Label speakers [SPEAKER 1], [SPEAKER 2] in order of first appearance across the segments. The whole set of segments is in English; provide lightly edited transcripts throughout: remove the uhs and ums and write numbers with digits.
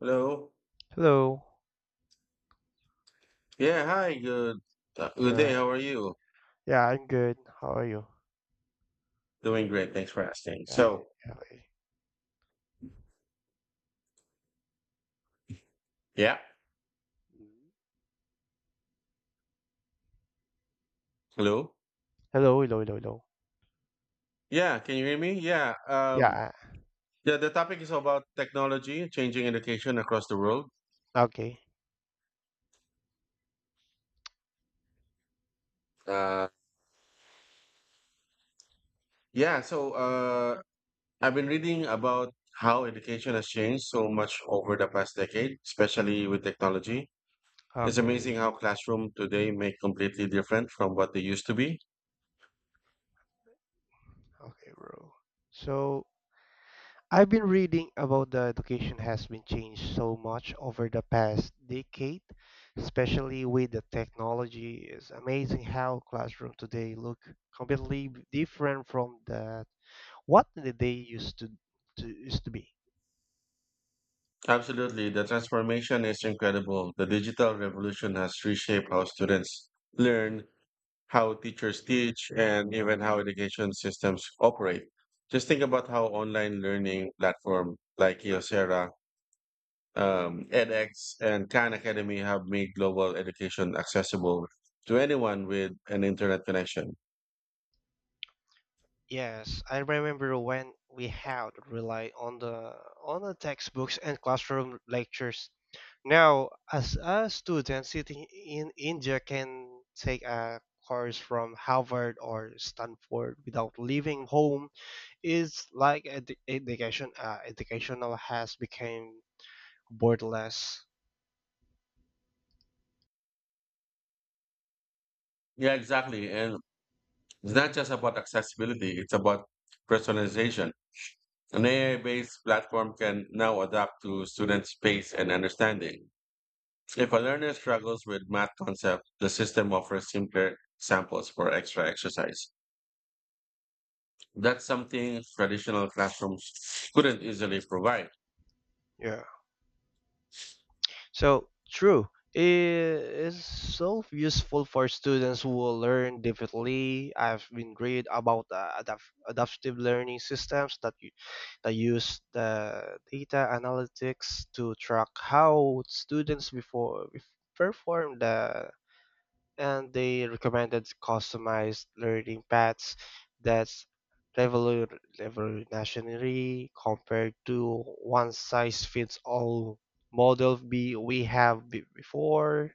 [SPEAKER 1] Hello.
[SPEAKER 2] Hello.
[SPEAKER 1] Yeah, hi. Good good day.
[SPEAKER 2] Yeah,
[SPEAKER 1] How are you?
[SPEAKER 2] yeah, I'm good. How are you?
[SPEAKER 1] Doing great. Thanks for asking.
[SPEAKER 2] Yeah, I-
[SPEAKER 1] So,
[SPEAKER 2] yeah. I-
[SPEAKER 1] yeah.
[SPEAKER 2] Mhm.
[SPEAKER 1] Hello.
[SPEAKER 2] Hello, hello, hello, hello.
[SPEAKER 1] Yeah, can you hear me? Yeah.
[SPEAKER 2] Yeah,
[SPEAKER 1] Yeah, the topic is about technology changing education across the world.
[SPEAKER 2] okay,
[SPEAKER 1] Uh yeah, so I've been reading about how education has changed so much over the past decade, especially with technology. It's
[SPEAKER 2] Okay.
[SPEAKER 1] amazing how classroom today may completely different from what they used to be.
[SPEAKER 2] Okay, bro. So I've been reading about the education has been changed so much over the past decade, especially with the technology. It's amazing how classroom today look completely different from the what the day used to be.
[SPEAKER 1] Absolutely. The transformation is incredible. The digital revolution has reshaped how students learn, how teachers teach, and even how education systems operate. Just think about how online learning platforms like Coursera, edX, and Khan Academy have made global education accessible to anyone with an internet connection.
[SPEAKER 2] Yes, I remember when we had relied on the textbooks and classroom lectures. Now, as a student sitting in India can take a course from Harvard or Stanford without leaving home is like educational has become borderless.
[SPEAKER 1] Yeah, exactly. And it's not just about accessibility, it's about personalization. An AI-based platform can now adapt to students' pace and understanding. If a learner struggles with math concepts, the system offers simpler samples for extra exercise. That's something traditional classrooms couldn't easily provide.
[SPEAKER 2] Yeah. So, true, it is so useful for students who will learn differently. I've been read about adaptive learning systems that use the data analytics to track how students before perform the and they recommended customized learning paths that's revolutionary compared to one size fits all model B we have before.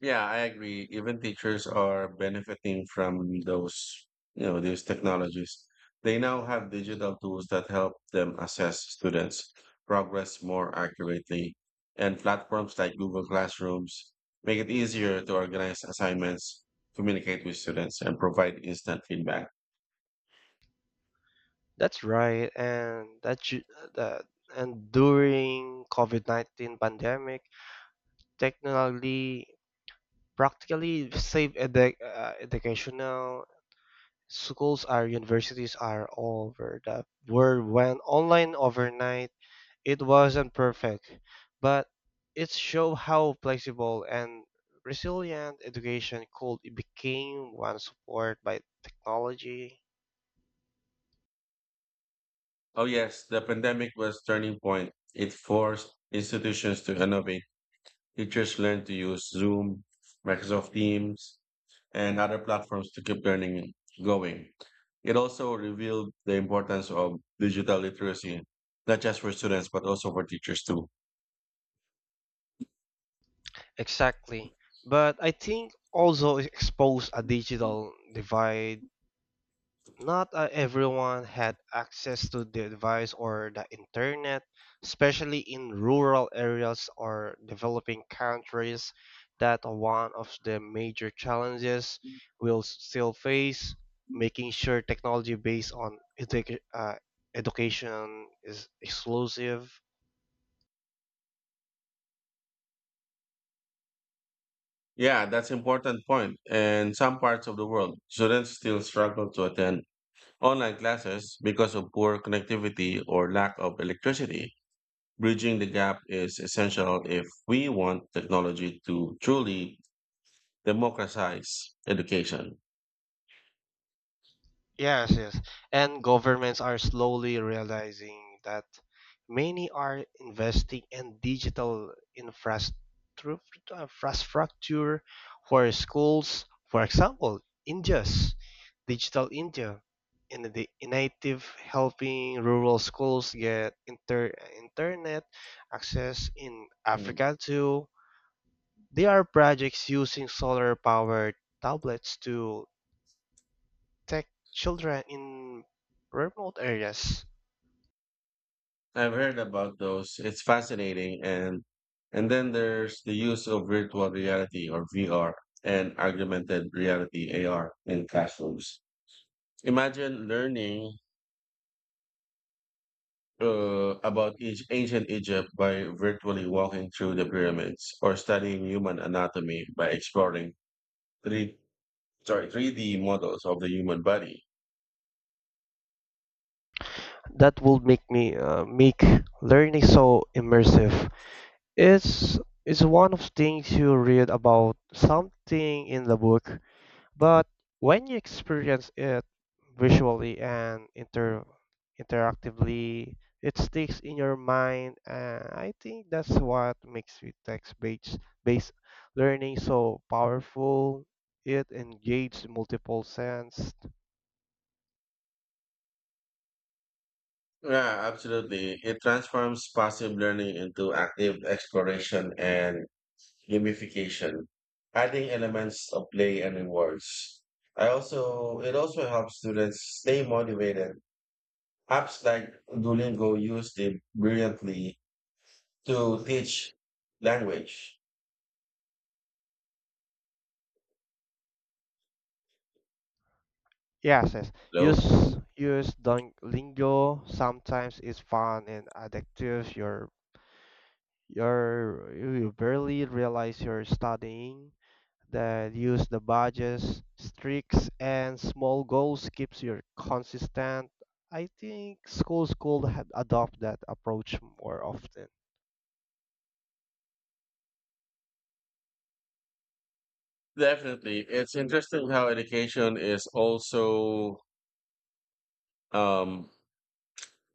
[SPEAKER 1] Yeah, I agree. Even teachers are benefiting from those, these technologies. They now have digital tools that help them assess students' progress more accurately, and platforms like Google Classrooms make it easier to organize assignments, communicate with students, and provide instant feedback.
[SPEAKER 2] That's right, and that ju- that and during COVID-19 pandemic, technically practically save educational schools are universities are all over the world when online overnight. It wasn't perfect, but it showed how flexible and resilient education could became when supported by technology.
[SPEAKER 1] Oh yes, the pandemic was turning point. It forced institutions to innovate. Teachers learned to use Zoom, Microsoft Teams, and other platforms to keep learning going. It also revealed the importance of digital literacy, not just for students, but also for teachers too.
[SPEAKER 2] Exactly. But I think also it exposed a digital divide. Not everyone had access to the device or the internet, especially in rural areas or developing countries that one of the major challenges we'll still face, making sure technology based on education is exclusive.
[SPEAKER 1] Yeah, that's important point. In some parts of the world, students still struggle to attend online classes because of poor connectivity or lack of electricity. Bridging the gap is essential if we want technology to truly democratize education.
[SPEAKER 2] Yes, yes. And governments are slowly realizing that many are investing in digital infrastructure for schools. For example, India's Digital India in the initiative helping rural schools get internet access in
[SPEAKER 1] Mm.
[SPEAKER 2] Africa too. There are projects using solar powered tablets to take children in remote areas.
[SPEAKER 1] I've heard about those. It's fascinating, and then there's the use of virtual reality or VR and augmented reality AR in classrooms. Imagine learning about each ancient Egypt by virtually walking through the pyramids or studying human anatomy by exploring three sorry 3D models of the human body.
[SPEAKER 2] That would make me make learning so immersive. it's it's one of things you read about something in the book, but when you experience it visually and interactively, it sticks in your mind. And I think that's what makes the text-based based learning so powerful. It engages multiple senses.
[SPEAKER 1] Yeah, absolutely. It transforms passive learning into active exploration and gamification, adding elements of play and rewards. I also it also helps students stay motivated. Apps like Duolingo used it brilliantly to teach language.
[SPEAKER 2] Yes, yes.
[SPEAKER 1] Hello.
[SPEAKER 2] Use lingo sometimes it's fun and addictive. You're you barely realize you're studying. That use the budgets, streaks, and small goals keeps you consistent. I think schools could had adopt that approach more often.
[SPEAKER 1] Definitely. It's interesting how education is also um,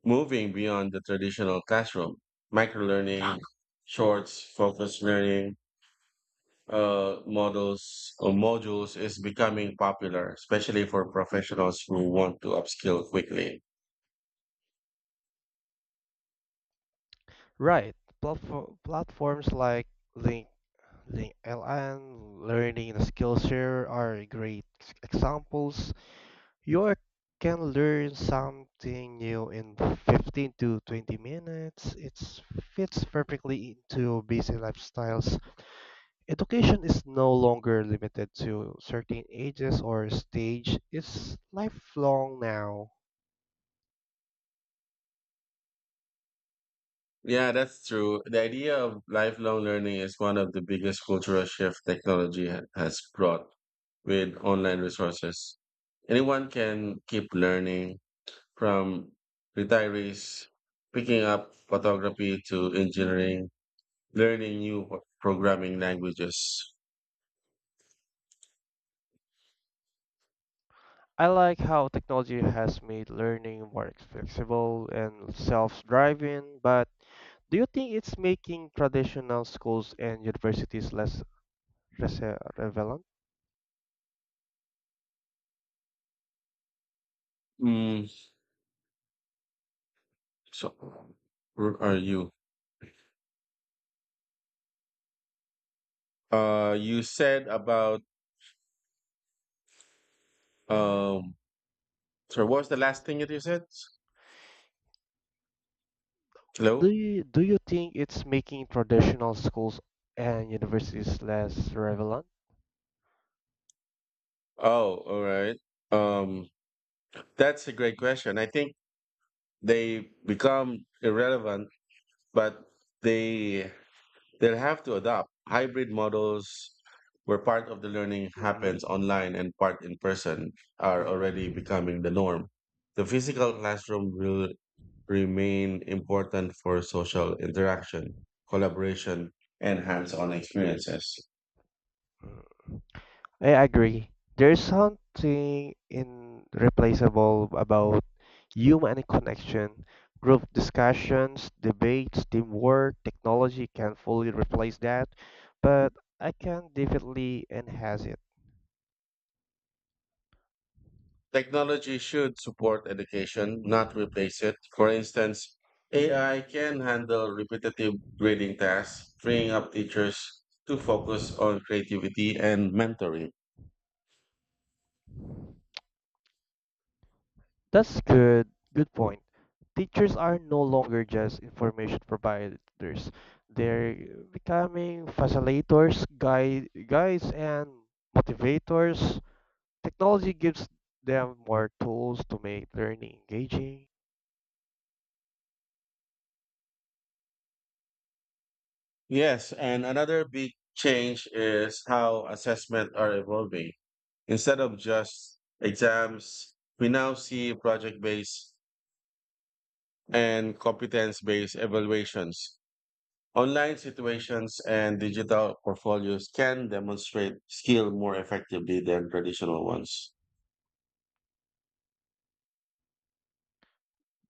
[SPEAKER 1] moving beyond the traditional classroom. Microlearning, shorts, focused learning models or modules is becoming popular, especially for professionals who want to upskill quickly.
[SPEAKER 2] Right. Platforms like Link Link LN, Learning the Skillshare are great examples. You can learn something new in 15 to 20 minutes. It fits perfectly into busy lifestyles. Education is no longer limited to certain ages or stage. It's lifelong now.
[SPEAKER 1] Yeah, that's true. The idea of lifelong learning is one of the biggest cultural shift technology has brought with online resources. Anyone can keep learning from retirees picking up photography to engineering. Learning new programming languages.
[SPEAKER 2] I like how technology has made learning more flexible and self-driving, but do you think it's making traditional schools and universities less relevant?
[SPEAKER 1] Mm, so, where are you? You said about um. Sorry, what was the last thing that you said? Hello.
[SPEAKER 2] Do you think it's making traditional schools and universities less relevant?
[SPEAKER 1] Oh, all right. Um, that's a great question. I think they become irrelevant, but they they'll have to adapt. Hybrid models where part of the learning
[SPEAKER 2] Mm-mm.
[SPEAKER 1] happens online and part in person are already
[SPEAKER 2] Mm-mm.
[SPEAKER 1] becoming the norm. The physical classroom will remain important for social interaction, collaboration, and hands on experiences.
[SPEAKER 2] I agree. There's something irreplaceable about human connection. Group discussions, debates, teamwork, technology can fully replace that, but I can definitely enhance it.
[SPEAKER 1] Technology should support education, not replace it. For instance, AI can handle repetitive grading tasks, freeing up teachers to focus on creativity and mentoring.
[SPEAKER 2] That's good. Good point. Teachers are no longer just information providers. They're becoming facilitators, guides, and motivators. Technology gives them more tools to make learning engaging.
[SPEAKER 1] Yes, and another big change is how assessment are evolving. Instead of just exams, we now see project-based and competence-based evaluations. Online situations and digital portfolios can demonstrate skill more effectively than traditional ones.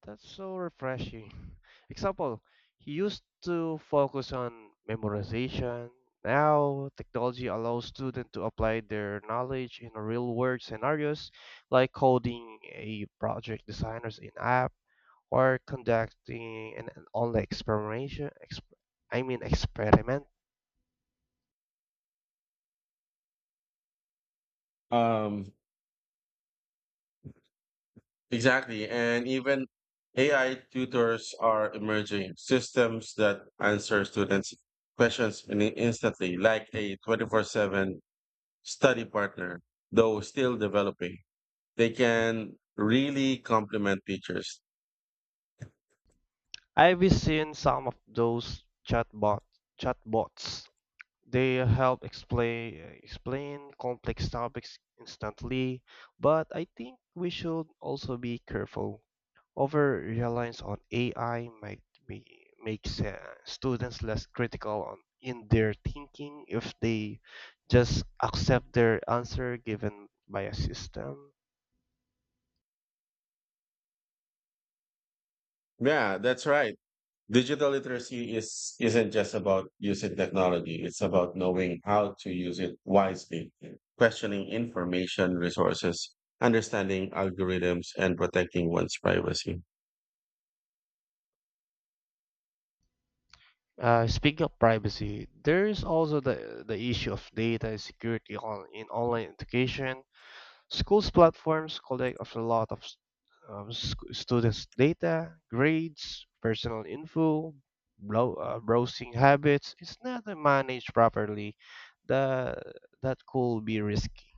[SPEAKER 2] That's so refreshing. Example, he used to focus on memorization. Now, technology allows students to apply their knowledge in real world scenarios like coding a project designers in app or conducting an online experimentation I mean experiment.
[SPEAKER 1] Um, Exactly. And even AI tutors are emerging systems that answer students' questions instantly, like a 24/7 study partner, though still developing. They can really complement teachers.
[SPEAKER 2] I've seen some of those chatbots. They help explain complex topics instantly, but I think we should also be careful. Over reliance on AI might be makes students less critical on in their thinking if they just accept their answer given by a system.
[SPEAKER 1] Yeah, that's right. Digital literacy is isn't just about using technology. It's about knowing how to use it wisely, questioning information resources, understanding algorithms, and protecting one's privacy.
[SPEAKER 2] Speaking of privacy, there is also the issue of data security on in online education. Schools platforms collect of a lot of students' data, grades, personal info, browsing habits. It's not managed properly. The, that could be risky.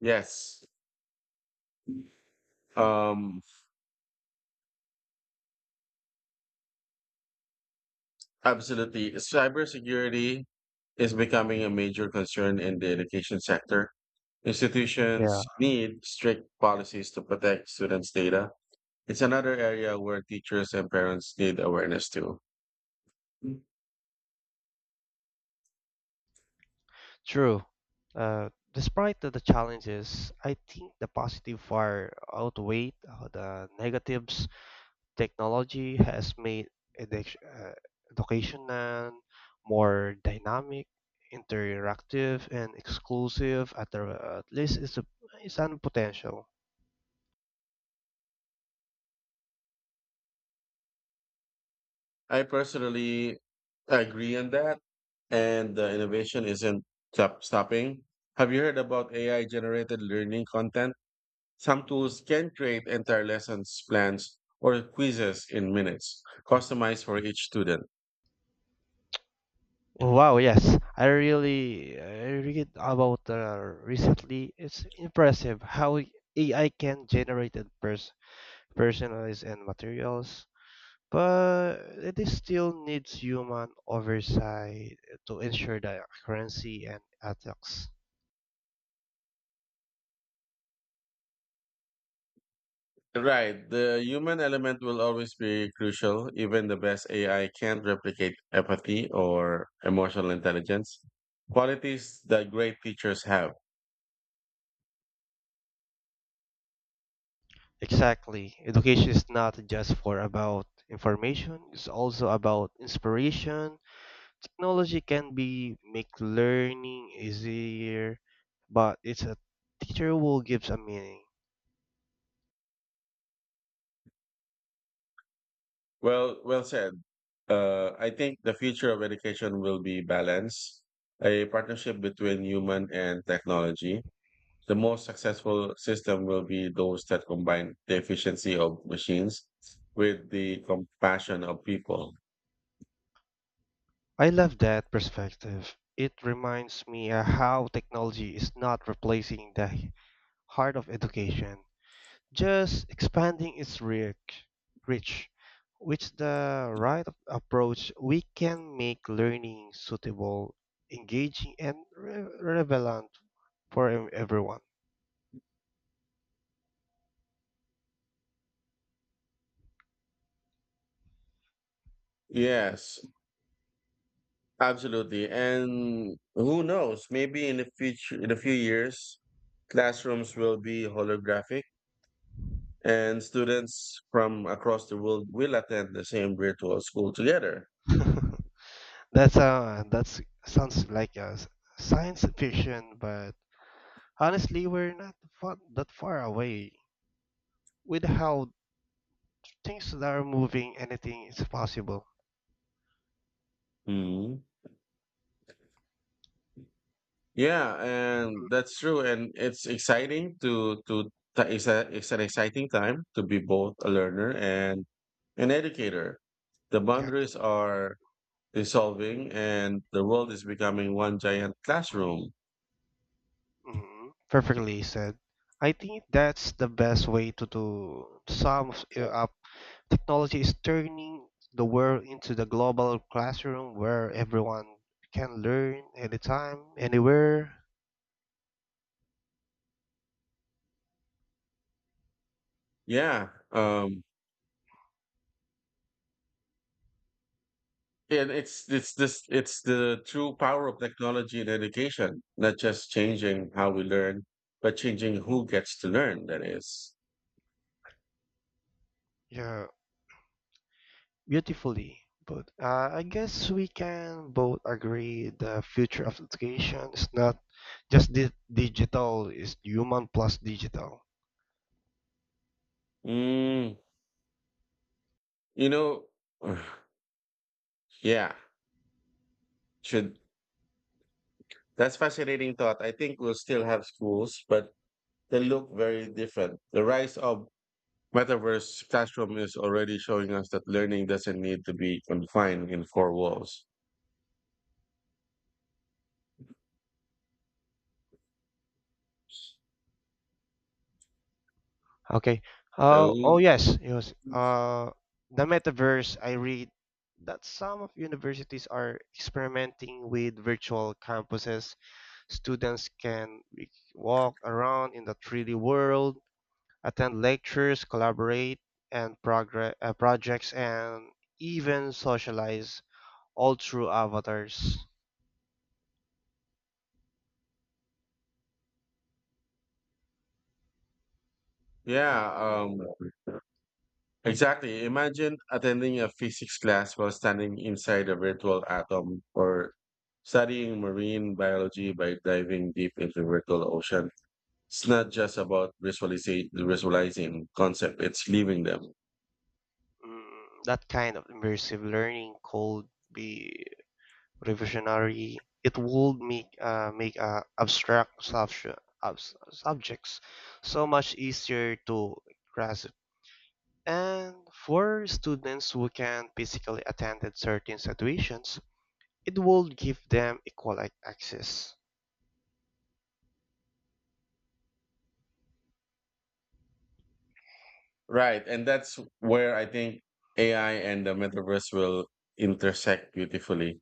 [SPEAKER 1] Yes, um, absolutely. Cybersecurity is becoming a major concern in the education sector.
[SPEAKER 2] Yeah.
[SPEAKER 1] Institutions need strict policies to protect students' data. It's another area where teachers and parents need awareness too.
[SPEAKER 2] True. Despite the challenges, I think the positive far outweigh the negatives. Technology has made educ- uh, education and more dynamic, interactive, and exclusive. At least it's a it's an potential.
[SPEAKER 1] I personally agree on that, and the innovation isn't stopping. Have you heard about AI generated learning content? Some tools can create entire lessons plans or quizzes in minutes, customized for each student.
[SPEAKER 2] Oh, wow, yes, I read about recently. It's impressive how AI can generate and personalize and materials, but it is still needs human oversight to ensure the accuracy and ethics.
[SPEAKER 1] Right. The human element will always be crucial. Even the best AI can't replicate empathy or emotional intelligence, qualities that great teachers have.
[SPEAKER 2] Exactly. Education is not just for about information, it's also about inspiration. Technology can be make learning easier, but it's a teacher who gives a meaning.
[SPEAKER 1] Well, well said. I think the future of education will be balance, a partnership between human and technology. The most successful system will be those that combine the efficiency of machines with the compassion of people.
[SPEAKER 2] I love that perspective. It reminds me how technology is not replacing the heart of education, just expanding its reach, which the right approach, we can make learning suitable, engaging, and relevant for everyone.
[SPEAKER 1] Yes, absolutely. And who knows, maybe in the future, in a few years, classrooms will be holographic and students from across the world will attend the same virtual school together.
[SPEAKER 2] That's sounds like a science fiction, but honestly, we're not that far away with how things that are moving. Anything is possible.
[SPEAKER 1] Hmm. Yeah, and that's true. And it's exciting it's it's an exciting time to be both a learner and an educator. The
[SPEAKER 2] Yeah.
[SPEAKER 1] boundaries are dissolving and the world is becoming one giant classroom.
[SPEAKER 2] Hmm. Perfectly said. I think that's the best way to sum it up. Technology is turning the world into the global classroom where everyone can learn anytime, anywhere,
[SPEAKER 1] Yeah. And it's the true power of technology in education, not just changing how we learn, but changing who gets to learn, that is.
[SPEAKER 2] yeah, beautifully. But I guess we can both agree the future of education is not just digital, it's human plus digital.
[SPEAKER 1] Mm, you know, yeah, should that's fascinating thought. I think we'll still have schools, but they look very different. The rise of metaverse classroom is already showing us that learning doesn't need to be confined in four walls.
[SPEAKER 2] Okay. Oh, oh
[SPEAKER 1] So,
[SPEAKER 2] yes. It was the metaverse. I read that some of universities are experimenting with virtual campuses. Students can walk around in the 3D world, attend lectures, collaborate and progress projects, and even socialize all through avatars.
[SPEAKER 1] yeah, exactly. Imagine attending a physics class while standing inside a virtual atom or studying marine biology by diving deep into virtual ocean. It's not just about visualizing concept, it's living them.
[SPEAKER 2] Mm, that kind of immersive learning could be revisionary. It would make abstract subjects so much easier to grasp. And for students who can physically attend certain situations, it would give them equal access.
[SPEAKER 1] Right, and that's where I think AI and the metaverse will intersect beautifully.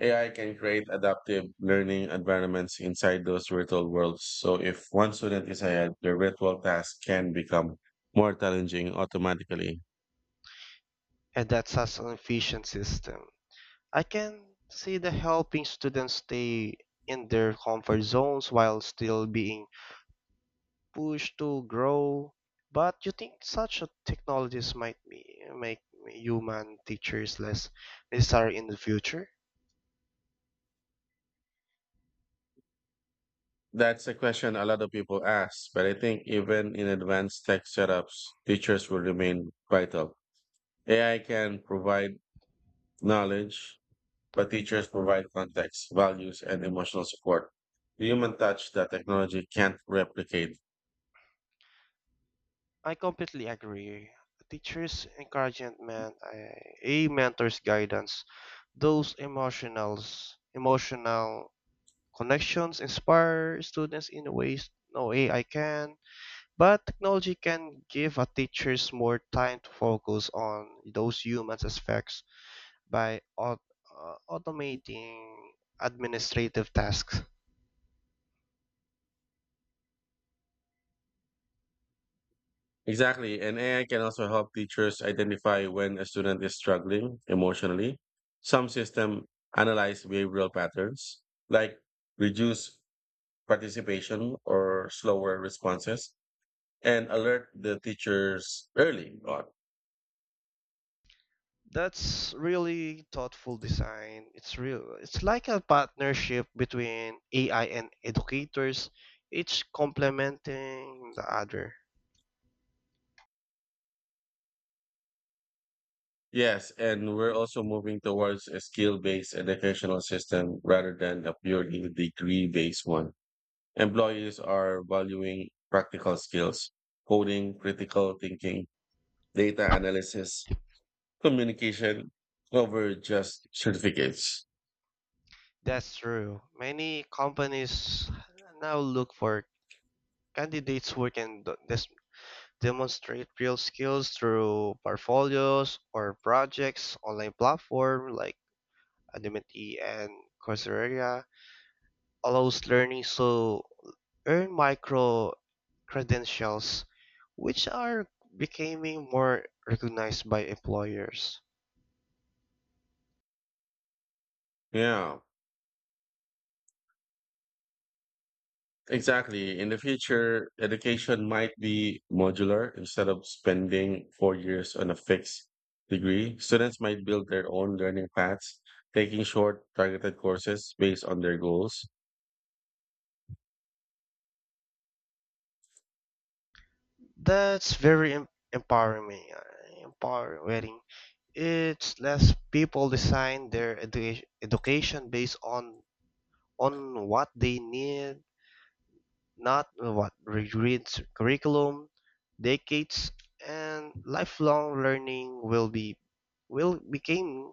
[SPEAKER 1] AI can create adaptive learning environments inside those virtual worlds. So if one student is ahead, their virtual task can become more challenging automatically.
[SPEAKER 2] And that's such an efficient system. I can see the helping students stay in their comfort zones while still being push to grow. But you think such a technologies might make human teachers less necessary in the future?
[SPEAKER 1] That's a question a lot of people ask, but I think even in advanced tech setups, teachers will remain vital. AI can provide knowledge, but teachers provide context, values, and emotional support. The human touch that technology can't replicate.
[SPEAKER 2] I completely agree. Teachers' encouragement, eh, a mentor's guidance, those emotional connections inspire students in ways no AI can. But technology can give a teachers more time to focus on those human aspects by automating administrative tasks.
[SPEAKER 1] Exactly. And AI can also help teachers identify when a student is struggling emotionally. Some system analyze behavioral patterns like reduce participation or slower responses and alert the teachers early on.
[SPEAKER 2] That's really thoughtful design. It's real. It's like a partnership between AI and educators, each complementing the other.
[SPEAKER 1] Yes, and we're also moving towards a skill-based educational system rather than a purely degree-based one. Employees are valuing practical skills, coding, critical thinking, data analysis, communication over just certificates.
[SPEAKER 2] That's true. Many companies now look for candidates who can demonstrate real skills through portfolios or projects, online platform like Udemy and Coursera, allows learners to earn micro credentials, which are becoming more recognized by employers.
[SPEAKER 1] Yeah, exactly. In the future, education might be modular instead of spending 4 years on a fixed degree. Students might build their own learning paths, taking short, targeted courses based on their goals.
[SPEAKER 2] That's very Empowering. It's less people design their education based on what they need, not what regrades curriculum, decades, and lifelong learning will be will became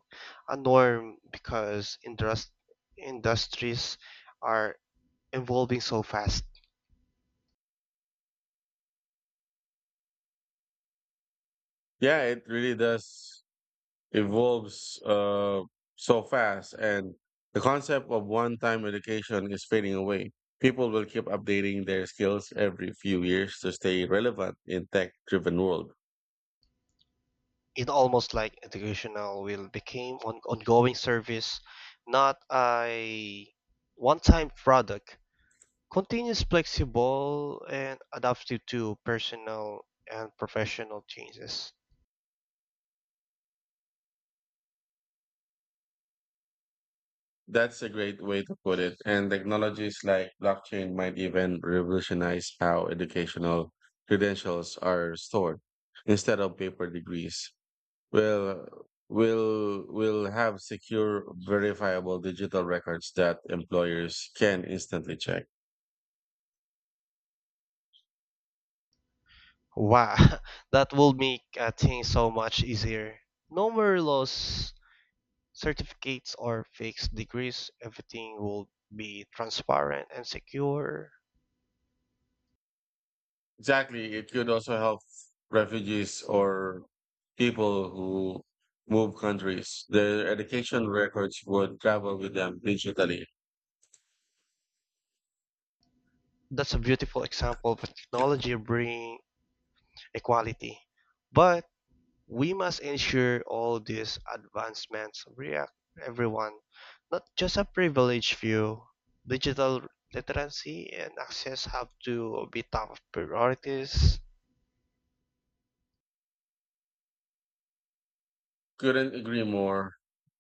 [SPEAKER 2] a norm because industries are evolving so fast.
[SPEAKER 1] Yeah, it really does evolves so fast, and the concept of one-time education is fading away. People will keep updating their skills every few years to stay relevant in tech-driven world.
[SPEAKER 2] It almost like educational will became ongoing service, not a one-time product. Continuous, flexible, and adaptive to personal and professional changes.
[SPEAKER 1] That's a great way to put it. And technologies like blockchain might even revolutionize how educational credentials are stored instead of paper degrees. will will have secure verifiable digital records that employers can instantly check.
[SPEAKER 2] Wow, that will make things so much easier. No more laws, certificates, or fixed degrees. Everything will be transparent and secure.
[SPEAKER 1] Exactly. It could also help refugees or people who move countries. Their education records would travel with them digitally.
[SPEAKER 2] That's a beautiful example of technology bringing equality. But we must ensure all these advancements react everyone, not just a privileged few. Digital literacy and access have to be top priorities.
[SPEAKER 1] Couldn't agree more.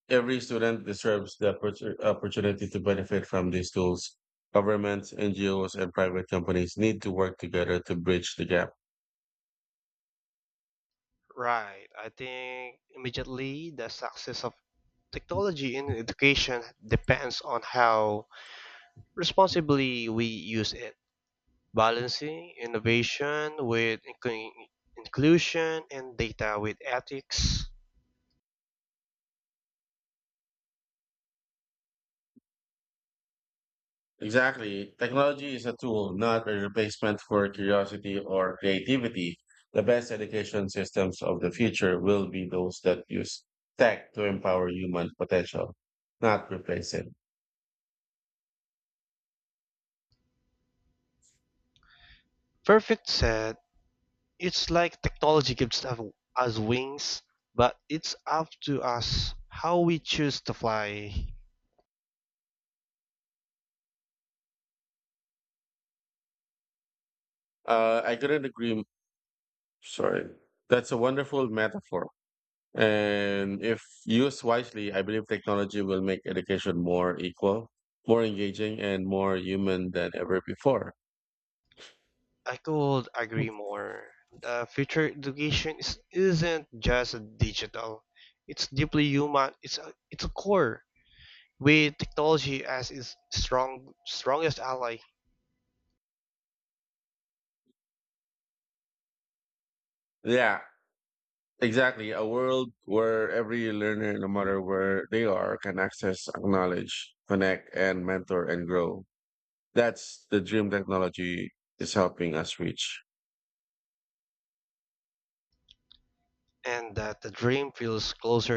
[SPEAKER 1] Every student deserves the opportunity to benefit from these tools. Governments, NGOs, and private companies need to work together to bridge the gap.
[SPEAKER 2] Right. I think immediately the success of technology in education depends on how responsibly we use it, balancing innovation with inclusion and data with ethics.
[SPEAKER 1] Exactly. Technology is a tool, not a replacement for curiosity or creativity. The best education systems of the future will be those that use tech to empower human potential, not replace it.
[SPEAKER 2] Perfect said, it's like technology gives us wings, but it's up to us how we choose to fly.
[SPEAKER 1] I couldn't agree. Sorry. That's a wonderful metaphor. And if used wisely, I believe technology will make education more equal, more engaging, and more human than ever before.
[SPEAKER 2] I could agree more. The future education isn't just digital. It's deeply human. It's a core with technology as its strongest ally,
[SPEAKER 1] Yeah, exactly. A world where every learner, no matter where they are, can access, acknowledge, connect, and mentor and grow. That's the dream technology is helping us reach.
[SPEAKER 2] and that the dream feels closer